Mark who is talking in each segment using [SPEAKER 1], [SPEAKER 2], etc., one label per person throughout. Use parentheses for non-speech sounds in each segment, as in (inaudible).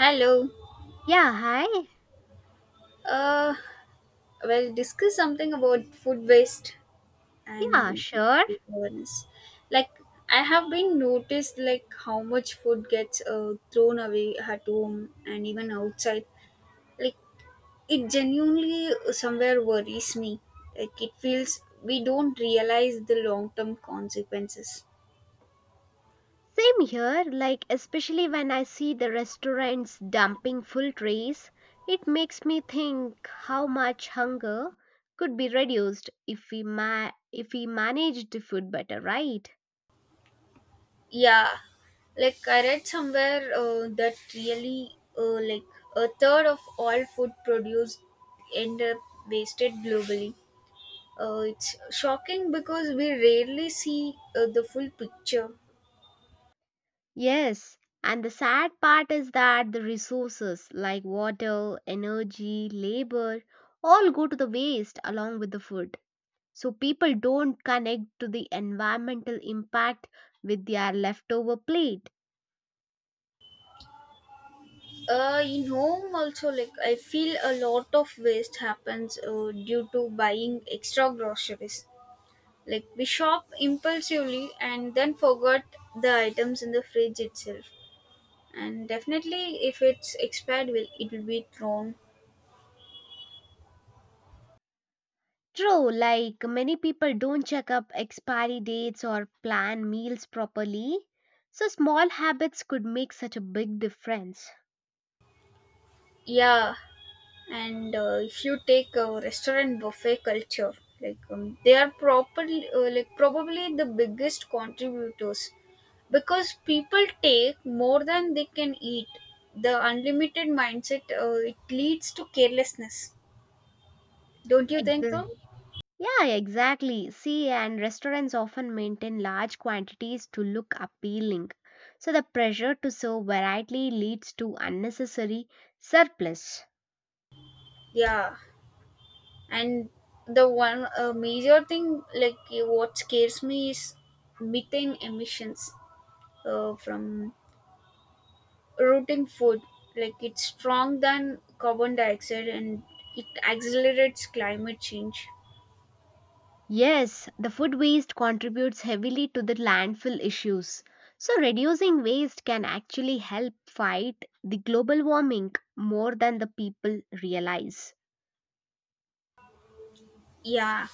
[SPEAKER 1] Hello.
[SPEAKER 2] Yeah, hi.
[SPEAKER 1] Uh, well, discuss something about food waste
[SPEAKER 2] Yeah,
[SPEAKER 1] and
[SPEAKER 2] sure.
[SPEAKER 1] food awareness. Like, I have been noticed like how much food gets thrown away at home and even outside. Like, it genuinely somewhere worries me. Like, it feels we don't realize the long-term consequences.
[SPEAKER 2] Same here, like, especially when I see the restaurants dumping full trays, it makes me think how much hunger could be reduced if we managed the food better, right?
[SPEAKER 1] Yeah, like I read somewhere that really like a third of all food produced end up wasted globally. It's shocking because we rarely see the full picture.
[SPEAKER 2] Yes, and the sad part is that the resources like water, energy, labor all go to the waste along with the food. So people don't connect to the environmental impact with their leftover plate.
[SPEAKER 1] In home also, like I feel a lot of waste happens due to buying extra groceries. Like we shop impulsively and then forgot the items in the fridge itself. And definitely if it's expired will it will be thrown.
[SPEAKER 2] True, like many people don't check up expiry dates or plan meals properly. So small habits could make such a big difference.
[SPEAKER 1] Yeah, and if you take a restaurant buffet culture, like they are properly like probably the biggest contributors because people take more than they can eat. The unlimited mindset, it leads to carelessness. Don't you think
[SPEAKER 2] Exa-
[SPEAKER 1] so?
[SPEAKER 2] yeah, exactly. See, and restaurants often maintain large quantities to look appealing. So the pressure to serve variety leads to unnecessary surplus.
[SPEAKER 1] Yeah, and the one major thing, like what scares me is methane emissions from rooting food. Like it's strong than carbon dioxide and it accelerates climate change.
[SPEAKER 2] Yes, the food waste contributes heavily to the landfill issues. So, reducing waste can actually help fight the global warming more than the people realize.
[SPEAKER 1] Yeah,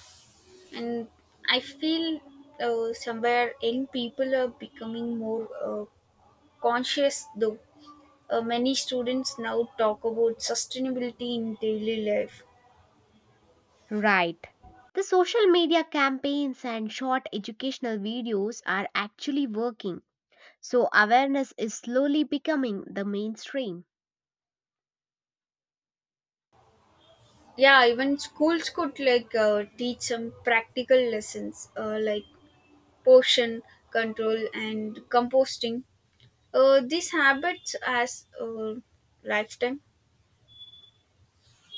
[SPEAKER 1] and I feel somewhere young people are becoming more conscious though. Many students now talk about sustainability in daily life.
[SPEAKER 2] Right. The social media campaigns and short educational videos are actually working. So, awareness is slowly becoming the mainstream.
[SPEAKER 1] Yeah, even schools could like teach some practical lessons, like portion control and composting. These habits as lifetime.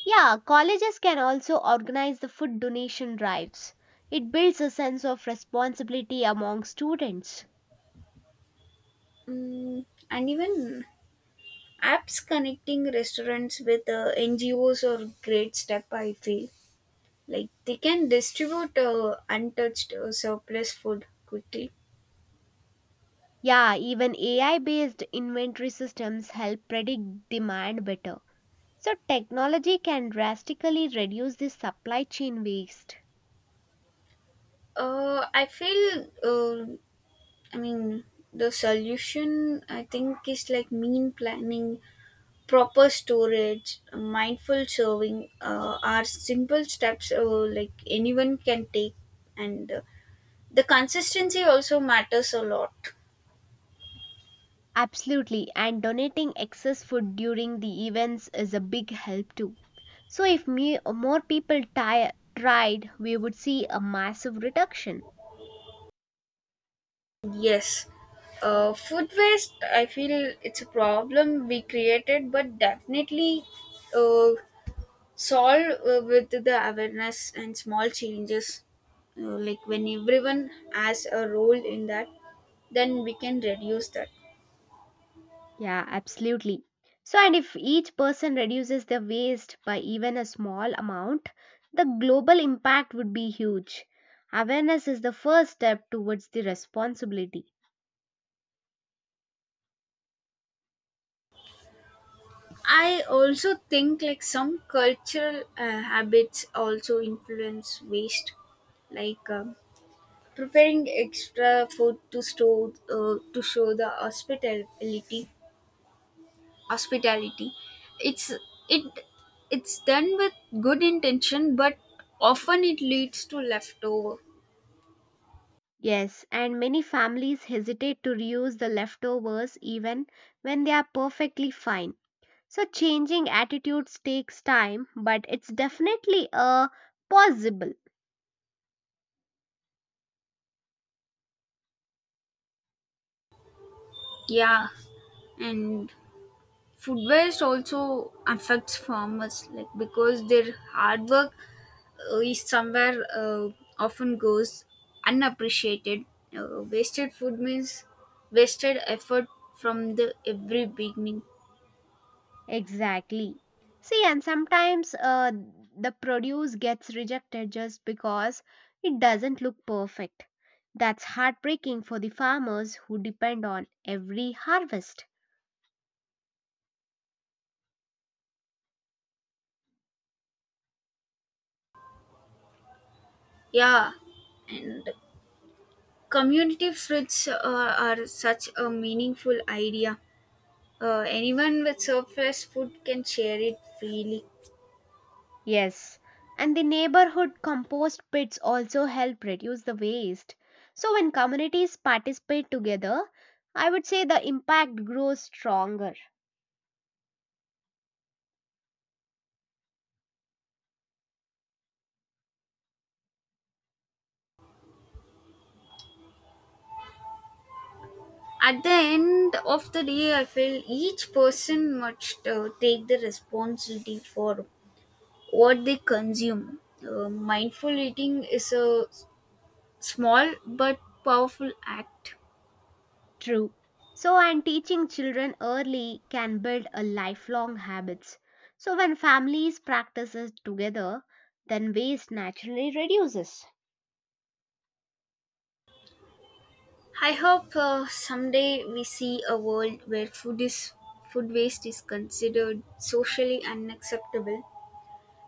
[SPEAKER 2] Yeah, colleges can also organize the food donation drives. It builds a sense of responsibility among students.
[SPEAKER 1] Mm, and even apps connecting restaurants with NGOs are great step I feel, like they can distribute untouched surplus food quickly.
[SPEAKER 2] Yeah, even AI based inventory systems help predict demand better. So, technology can drastically reduce the supply chain waste.
[SPEAKER 1] I feel I mean the solution I think is like mean planning, proper storage, mindful serving are simple steps like anyone can take. And the consistency also matters a lot.
[SPEAKER 2] Absolutely, and donating excess food during the events is a big help too. So, if me, more people tried, we would see a massive reduction.
[SPEAKER 1] Yes. Food waste, I feel it's a problem we created, but definitely uh, solve with the awareness and small changes. Like when everyone has a role in that, then we can reduce that.
[SPEAKER 2] Yeah, absolutely. So, and if each person reduces their waste by even a small amount, the global impact would be huge. Awareness is the first step towards the responsibility.
[SPEAKER 1] I also think like some cultural habits also influence waste, like preparing extra food to store to show the hospitality, it's it it's done with good intention, but often it leads to leftover.
[SPEAKER 2] Yes, and many families hesitate to reuse the leftovers even when they are perfectly fine. So, changing attitudes takes time, but it's definitely a possible.
[SPEAKER 1] Yeah, and food waste also affects farmers, like because their hard work is somewhere often goes unappreciated. Uh, wasted food means wasted effort from the every beginning.
[SPEAKER 2] Exactly. See, and sometimes the produce gets rejected just because it doesn't look perfect. That's heartbreaking for the farmers who depend on every harvest.
[SPEAKER 1] Yeah, community foods are such a meaningful idea. Anyone with surplus food can share it freely.
[SPEAKER 2] Yes, and the neighborhood compost pits also help reduce the waste. So, when communities participate together, I would say the impact grows stronger.
[SPEAKER 1] At the end of the day, I feel each person must take the responsibility for what they consume. Mindful eating is a small but powerful act.
[SPEAKER 2] True. So, and teaching children early can build a lifelong habits. So, when families practices together, then waste naturally reduces.
[SPEAKER 1] I hope someday we see a world where food waste is considered socially unacceptable.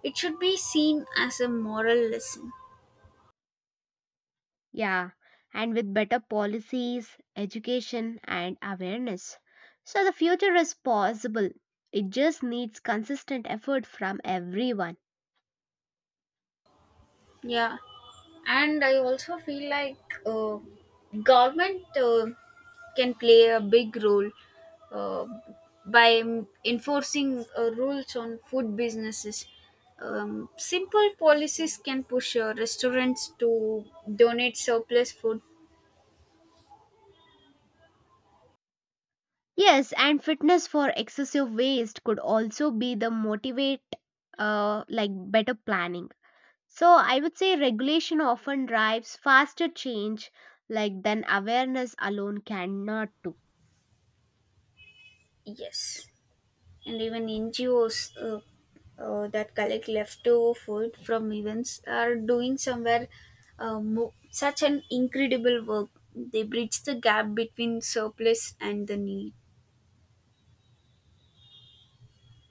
[SPEAKER 1] It should be seen as a moral lesson.
[SPEAKER 2] Yeah, and with better policies, education, and awareness. So, the future is possible. It just needs consistent effort from everyone.
[SPEAKER 1] Yeah, and I also feel like government can play a big role uh, by enforcing rules on food businesses. Um, simple policies can push restaurants to donate surplus food.
[SPEAKER 2] Yes, and fitness for excessive waste could also be the motivate, like better planning. So I would say regulation often drives faster change like than awareness alone cannot do.
[SPEAKER 1] Yes, and even NGOs, uh, that collect leftover food from events are doing somewhere such an incredible work. They bridge the gap between surplus and the need.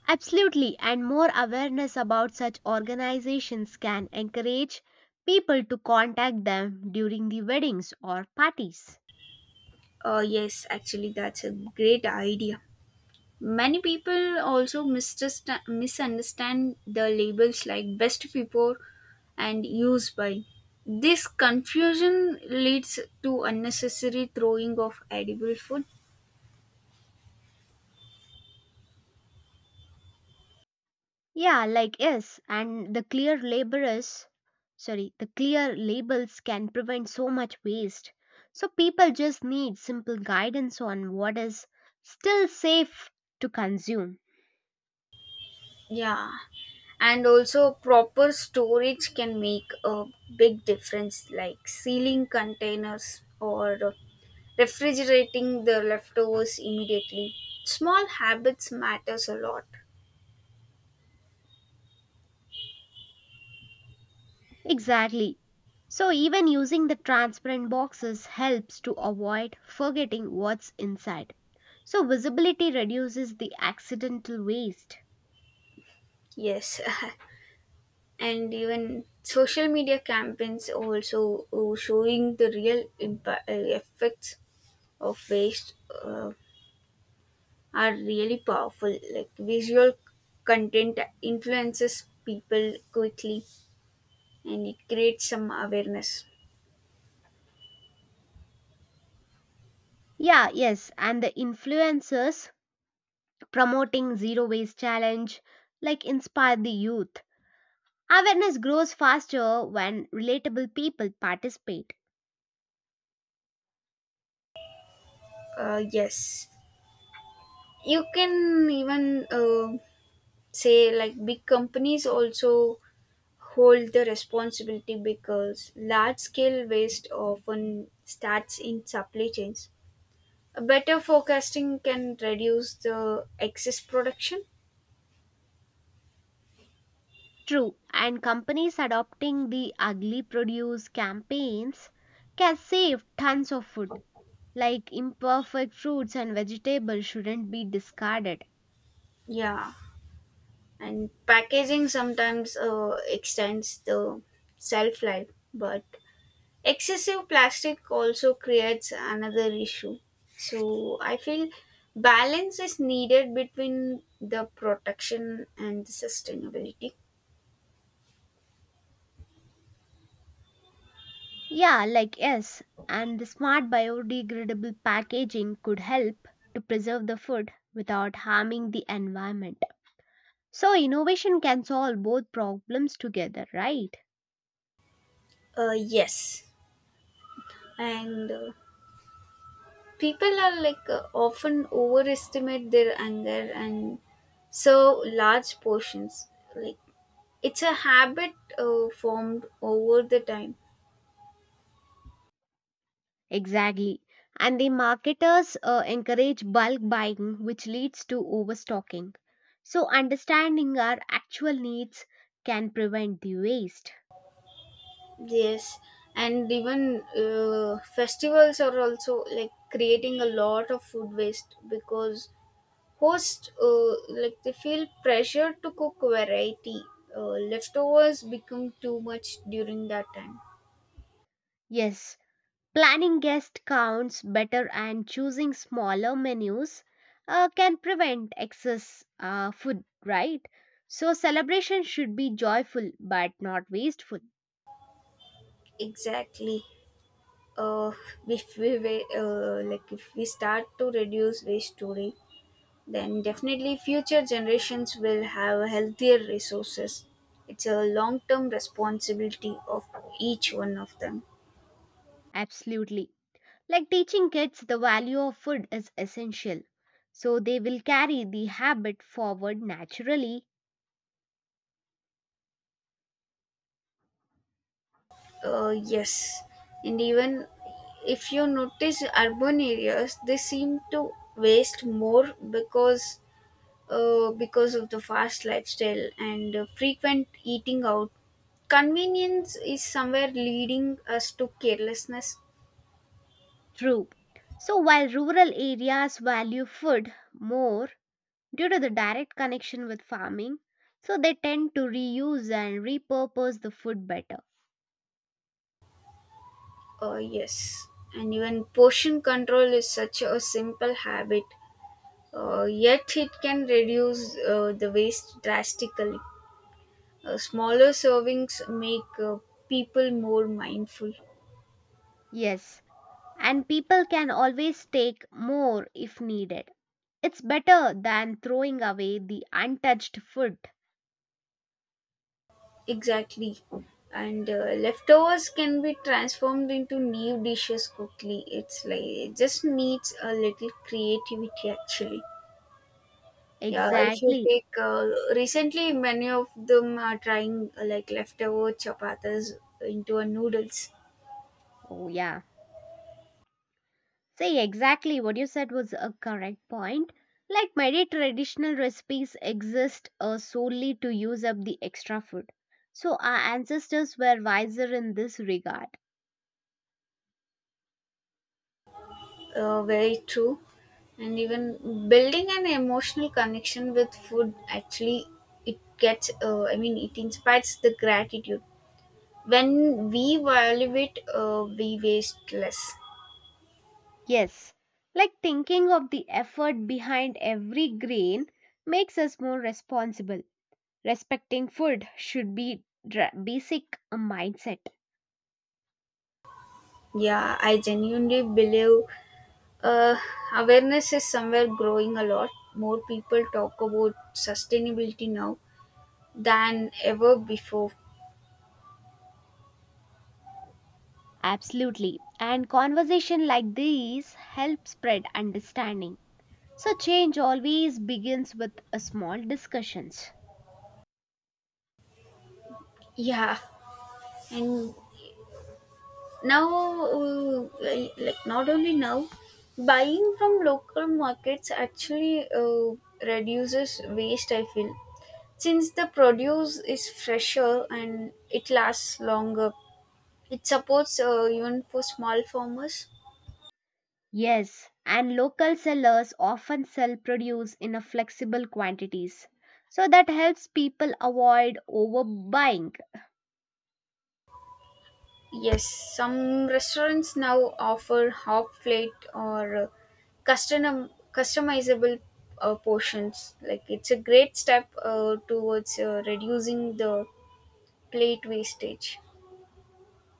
[SPEAKER 2] Absolutely, and more awareness about such organizations can encourage people to contact them during the weddings or parties.
[SPEAKER 1] Yes, actually, that's a great idea. Many people also misunderstand the labels like best before and use by. This confusion leads to unnecessary throwing of edible food.
[SPEAKER 2] Yeah, like yes, and the clear laborers sorry, the clear labels can prevent so much waste. So people just need simple guidance on what is still safe to consume.
[SPEAKER 1] Yeah, and also proper storage can make a big difference, like sealing containers or refrigerating the leftovers immediately. Small habits matters a lot.
[SPEAKER 2] Exactly. So, even using the transparent boxes helps to avoid forgetting what's inside. So, visibility reduces the accidental waste.
[SPEAKER 1] Yes, (laughs) and even social media campaigns also showing the real impact, effects of waste uh, are really powerful. Like visual content influences people quickly and it creates some awareness.
[SPEAKER 2] Yeah, yes, and the influencers promoting zero waste challenge like inspire the youth. Awareness grows faster when relatable people participate.
[SPEAKER 1] Yes, you can even say like big companies also hold the responsibility because large scale waste often starts in supply chains. A better forecasting can reduce the excess production.
[SPEAKER 2] True, and companies adopting the ugly produce campaigns can save tons of food. Like imperfect fruits and vegetables shouldn't be discarded.
[SPEAKER 1] Yeah, and packaging sometimes extends the shelf life, but excessive plastic also creates another issue. So I feel balance is needed between the protection and the sustainability.
[SPEAKER 2] Yeah, like yes, and the smart biodegradable packaging could help to preserve the food without harming the environment. So, innovation can solve both problems together, right?
[SPEAKER 1] Uh, yes, and people are like often overestimate their anger and serve large portions. Like, it's a habit formed over the time.
[SPEAKER 2] Exactly. And the marketers encourage bulk buying, which leads to overstocking. So, understanding our actual needs can prevent the waste.
[SPEAKER 1] Yes, and even festivals are also like creating a lot of food waste because hosts like they feel pressure to cook variety. Leftovers become too much during that time.
[SPEAKER 2] Yes, planning guest counts better and choosing smaller menus can prevent excess food, right? So, celebration should be joyful but not wasteful.
[SPEAKER 1] Exactly. Uh, if we wa- Uh, like if we start to reduce waste today, then definitely future generations will have healthier resources. It's a long-term responsibility of each one of them.
[SPEAKER 2] Absolutely. Like teaching kids the value of food is essential. So, they will carry the habit forward naturally.
[SPEAKER 1] Yes, and even if you notice urban areas, they seem to waste more because of the fast lifestyle and frequent eating out. Convenience is somewhere leading us to carelessness.
[SPEAKER 2] True. So, while rural areas value food more, due to the direct connection with farming, so they tend to reuse and repurpose the food better.
[SPEAKER 1] Yes, and even portion control is such a simple habit, yet it can reduce the waste drastically. Smaller servings make people more mindful.
[SPEAKER 2] Yes, and people can always take more if needed. It's better than throwing away the untouched food.
[SPEAKER 1] Exactly. And leftovers can be transformed into new dishes quickly. It's like it just needs a little creativity actually. Yeah, if you
[SPEAKER 2] Exactly.
[SPEAKER 1] take recently, many of them are trying like leftover chapatas into a noodles.
[SPEAKER 2] Oh, yeah. See, exactly what you said was a correct point. Like many traditional recipes exist solely to use up the extra food. So, our ancestors were wiser in this regard.
[SPEAKER 1] Uh, very true. And even building an emotional connection with food actually, it gets it inspires the gratitude. When we value it, we waste less.
[SPEAKER 2] Yes, like thinking of the effort behind every grain makes us more responsible. Respecting food should be basic mindset.
[SPEAKER 1] Yeah, I genuinely believe uh, awareness is somewhere growing a lot. More people talk about sustainability now than ever before.
[SPEAKER 2] Absolutely. And conversation like these help spread understanding. So change always begins with a small discussions.
[SPEAKER 1] Yeah, and now like not only now, buying from local markets actually reduces waste I feel, since the produce is fresher and it lasts longer. It supports even for small farmers.
[SPEAKER 2] Yes, and local sellers often sell produce in a flexible quantities. So that helps people avoid overbuying.
[SPEAKER 1] Yes, some restaurants now offer half plate or custom customizable portions. Like it's a great step towards reducing the plate wastage.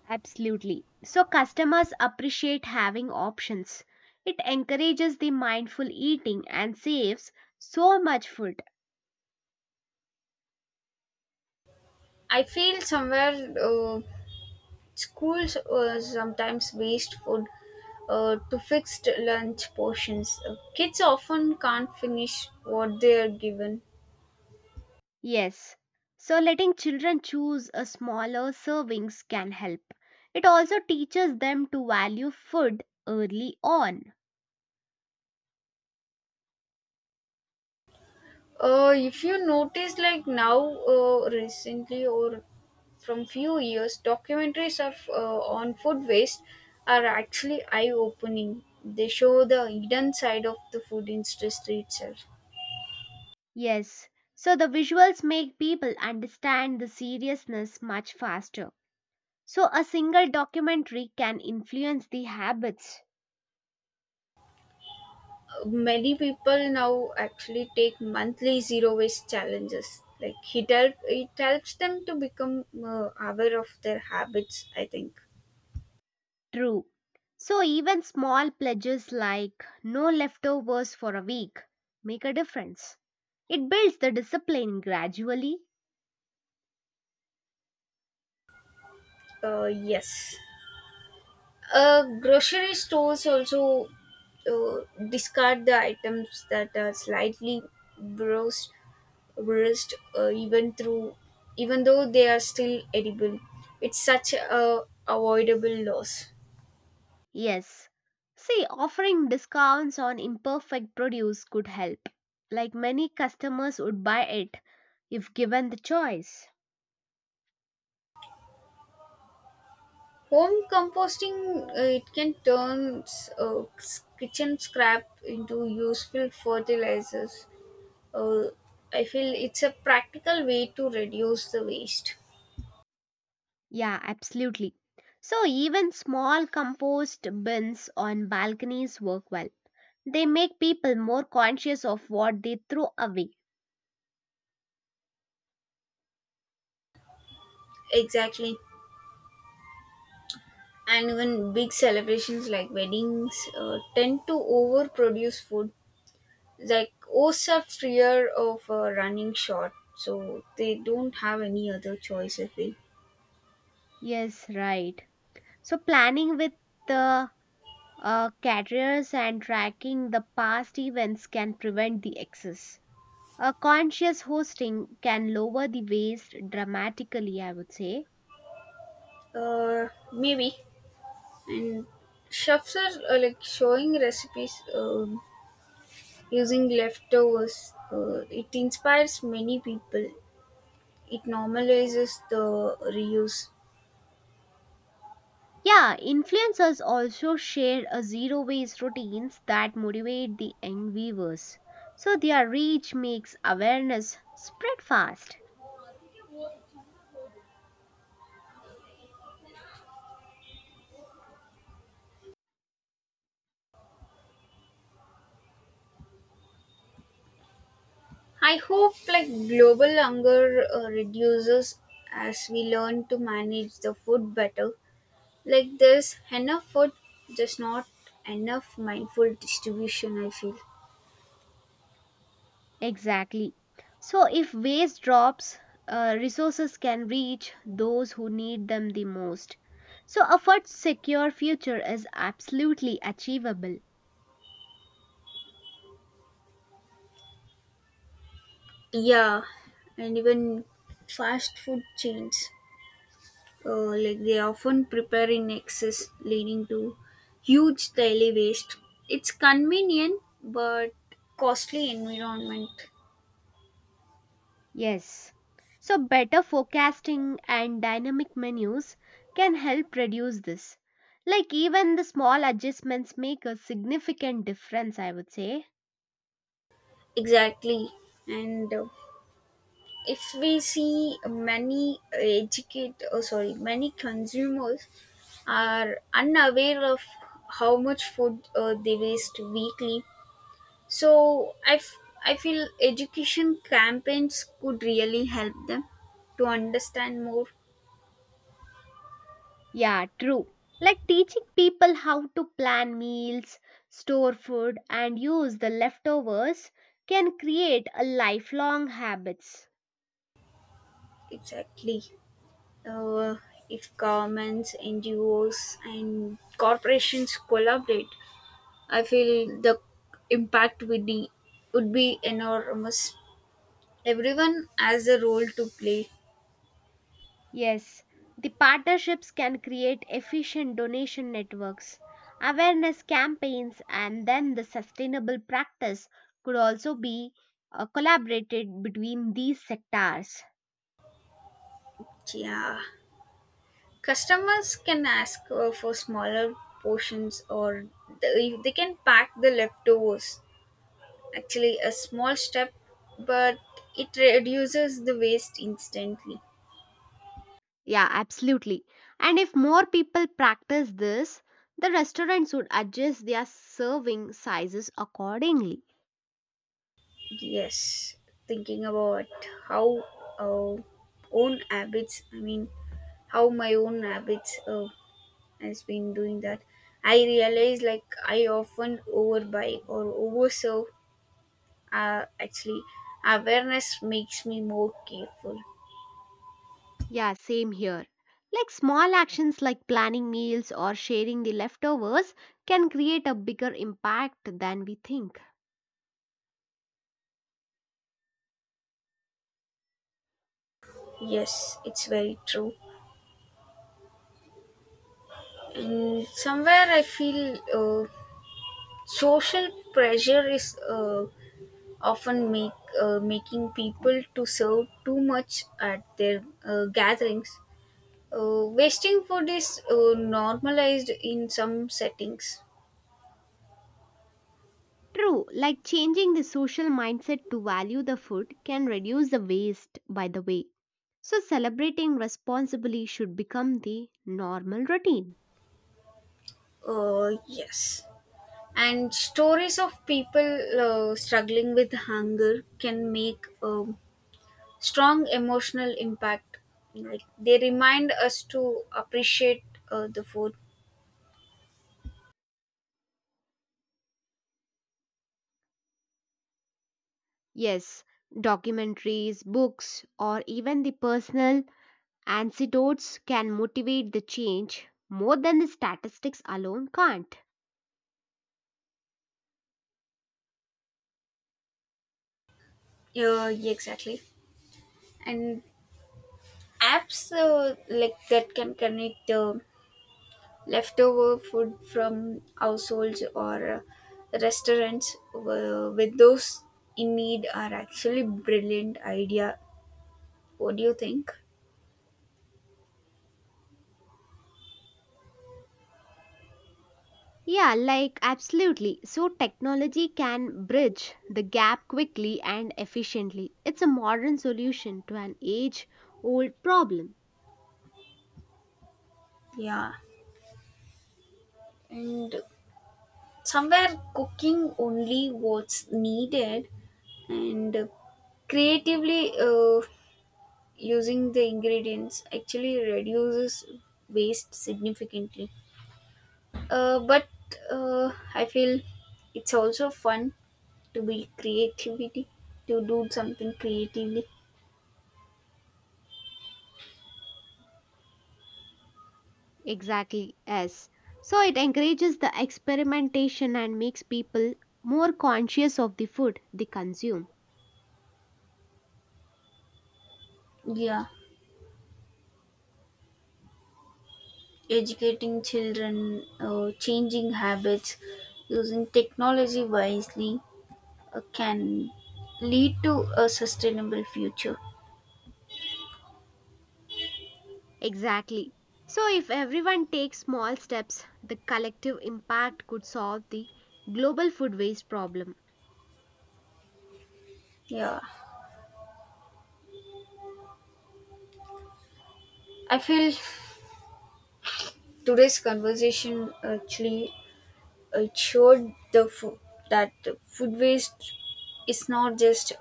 [SPEAKER 2] Absolutely. So customers appreciate having options. It encourages the mindful eating and saves so much food.
[SPEAKER 1] I feel somewhere schools sometimes waste food to fixed lunch portions. Kids often can't finish what they are given.
[SPEAKER 2] Yes. So letting children choose a smaller servings can help. It also teaches them to value food early on.
[SPEAKER 1] If you notice, like now, recently or from few years, documentaries of on food waste are actually eye-opening. They show the hidden side of the food industry itself.
[SPEAKER 2] Yes. So the visuals make people understand the seriousness much faster. So a single documentary can influence the habits.
[SPEAKER 1] Many people now actually take monthly zero waste challenges, like it helps them to become aware of their habits I think.
[SPEAKER 2] True. So even small pledges like no leftovers for a week make a difference. It builds the discipline gradually.
[SPEAKER 1] Uh, yes, grocery stores also uh, discard the items that are slightly bruised bruised even though they are still edible. It's such a avoidable loss.
[SPEAKER 2] Yes. See, offering discounts on imperfect produce could help. Like many customers would buy it if given the choice.
[SPEAKER 1] Home composting, it can turn kitchen scrap into useful fertilizers. Uh, I feel it's a practical way to reduce the waste.
[SPEAKER 2] Yeah, absolutely. So even small compost bins on balconies work well. They make people more conscious of what they throw away.
[SPEAKER 1] Exactly. And even big celebrations like weddings tend to overproduce food. Like hosts are fear of running short, so they don't have any other choice, I feel.
[SPEAKER 2] Yes, right. So, planning with the caterers and tracking the past events can prevent the excess. A conscious hosting can lower the waste dramatically, I would say.
[SPEAKER 1] Uh, maybe. And chefs are like showing recipes. Using leftovers, it inspires many people. It normalizes the reuse.
[SPEAKER 2] Yeah, influencers also share a zero waste routines that motivate the young viewers. So, their reach makes awareness spread fast.
[SPEAKER 1] I hope like global hunger reduces as we learn to manage the food better. Like there's enough food, just not enough mindful distribution, I feel.
[SPEAKER 2] Exactly. So, if waste drops, resources can reach those who need them the most. So, a food secure future is absolutely achievable.
[SPEAKER 1] Yeah, and even fast food chains. Like they often prepare in excess, leading to huge daily waste. It's convenient but costly environment.
[SPEAKER 2] Yes. So, better forecasting and dynamic menus can help reduce this. Like, even the small adjustments make a significant difference, I would say.
[SPEAKER 1] Exactly, and if we see many educate, oh sorry, many consumers are unaware of how much food they waste weekly. So I, f- I feel education campaigns could really help them to understand more.
[SPEAKER 2] Yeah, true. Like teaching people how to plan meals, store food, and use the leftovers can create a lifelong habits.
[SPEAKER 1] Exactly. Uh, if governments, NGOs, and corporations collaborate, I feel the impact would be enormous. Everyone has a role to play.
[SPEAKER 2] Yes, the partnerships can create efficient donation networks, awareness campaigns, and then the sustainable practice could also be collaborated between these sectors.
[SPEAKER 1] Yeah, customers can ask for smaller portions, or they can pack the leftovers. Actually, a small step, but it reduces the waste instantly.
[SPEAKER 2] Yeah, absolutely. And if more people practice this, the restaurants would adjust their serving sizes accordingly.
[SPEAKER 1] Yes, thinking about how uh, own habits, I mean, how my own habits has been doing that. I realize like I often overbuy or overserve. Actually, awareness makes me more careful.
[SPEAKER 2] Yeah, same here. Like small actions like planning meals or sharing the leftovers can create a bigger impact than we think.
[SPEAKER 1] Yes, it's very true. And somewhere I feel social pressure is often make making people to serve too much at their gatherings. Wasting food is normalized in some settings.
[SPEAKER 2] True, like changing the social mindset to value the food can reduce the waste, by the way. So, celebrating responsibly should become the normal routine.
[SPEAKER 1] Yes. And stories of people struggling with hunger can make strong emotional impact. Like they remind us to appreciate the food.
[SPEAKER 2] Yes, documentaries, books, or even the personal anecdotes can motivate the change more than the statistics alone can't.
[SPEAKER 1] Yeah, exactly. And apps like that can connect the leftover food from households or restaurants with those in need are actually brilliant idea. What do you think?
[SPEAKER 2] Yeah, like absolutely. So, technology can bridge the gap quickly and efficiently. It's a modern solution to an age old problem.
[SPEAKER 1] Yeah, and somewhere cooking only what's needed and creatively using the ingredients actually reduces waste significantly. But I feel it's also fun to be creativity to do something creatively.
[SPEAKER 2] Exactly, yes. So, it encourages the experimentation and makes people more conscious of the food they consume.
[SPEAKER 1] Yeah, educating children, changing habits, using technology wisely can lead to a sustainable future.
[SPEAKER 2] Exactly. So, if everyone takes small steps, the collective impact could solve the global food waste problem.
[SPEAKER 1] Yeah, I feel today's conversation actually showed the food that food waste is not just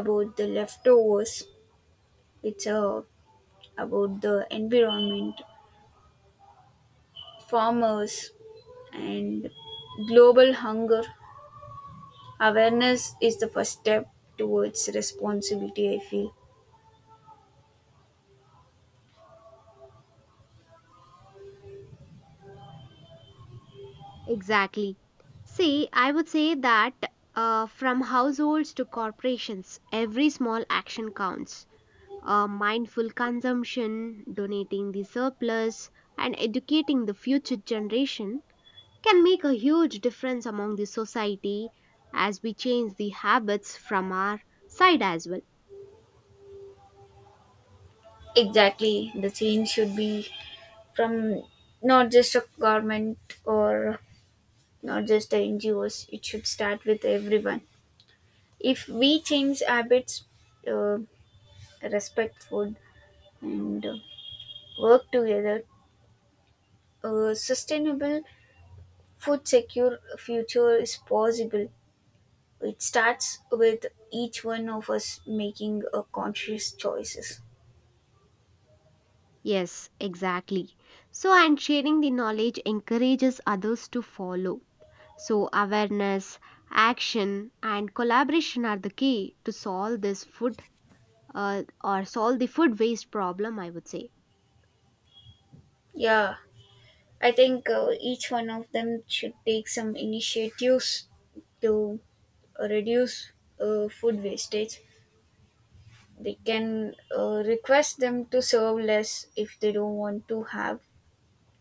[SPEAKER 1] about the leftovers. It's about the environment, farmers, and global hunger. Awareness is the first step towards responsibility, I feel.
[SPEAKER 2] Exactly. See, I would say that from households to corporations, every small action counts. Mindful consumption, donating the surplus, and educating the future generation can make a huge difference among the society as we change the habits from our side as well.
[SPEAKER 1] Exactly, the change should be from not just a government or not just the NGOs. It should start with everyone. If we change habits, uh, respect food, and work together, a sustainable food secure future is possible. It starts with each one of us making a conscious choices.
[SPEAKER 2] Yes, exactly. So, and sharing the knowledge encourages others to follow. So, awareness, action, and collaboration are the key to solve this food, or solve the food waste problem, I would say.
[SPEAKER 1] Yeah, I think each one of them should take some initiatives to reduce food wastage. They can request them to serve less if they don't want to have,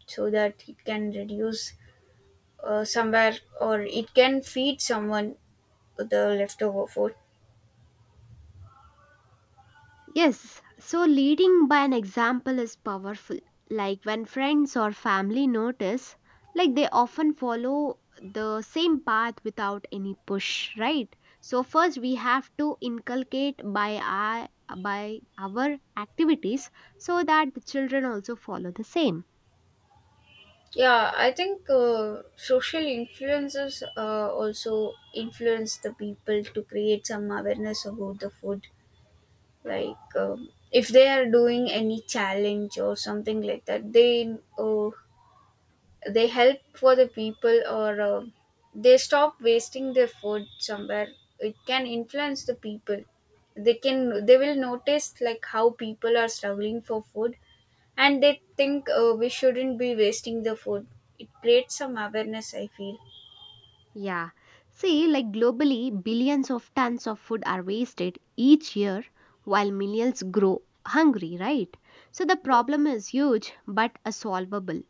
[SPEAKER 1] so that it can reduce somewhere or it can feed someone the leftover food.
[SPEAKER 2] Yes, so leading by an example is powerful. Like when friends or family notice, like they often follow the same path without any push, right? So first we have to inculcate by our activities so that the children also follow the same.
[SPEAKER 1] Yeah, I think social influences also influence the people to create some awareness about the food. Like, if they are doing any challenge or something like that, they help for the people or they stop wasting their food somewhere. It can influence the people. They will notice like how people are struggling for food and they think we shouldn't be wasting the food. It creates some awareness, I feel.
[SPEAKER 2] Yeah. See, like globally, billions of tons of food are wasted each year while millions grow hungry, right? So the problem is huge but a solvable.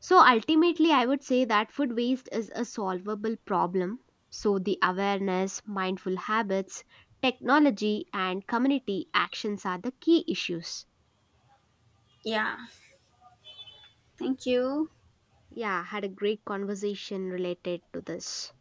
[SPEAKER 2] So ultimately, I would say that food waste is a solvable problem. So the awareness, mindful habits, technology, and community actions are the key issues.
[SPEAKER 1] Yeah, thank you.
[SPEAKER 2] Yeah, had a great conversation related to this.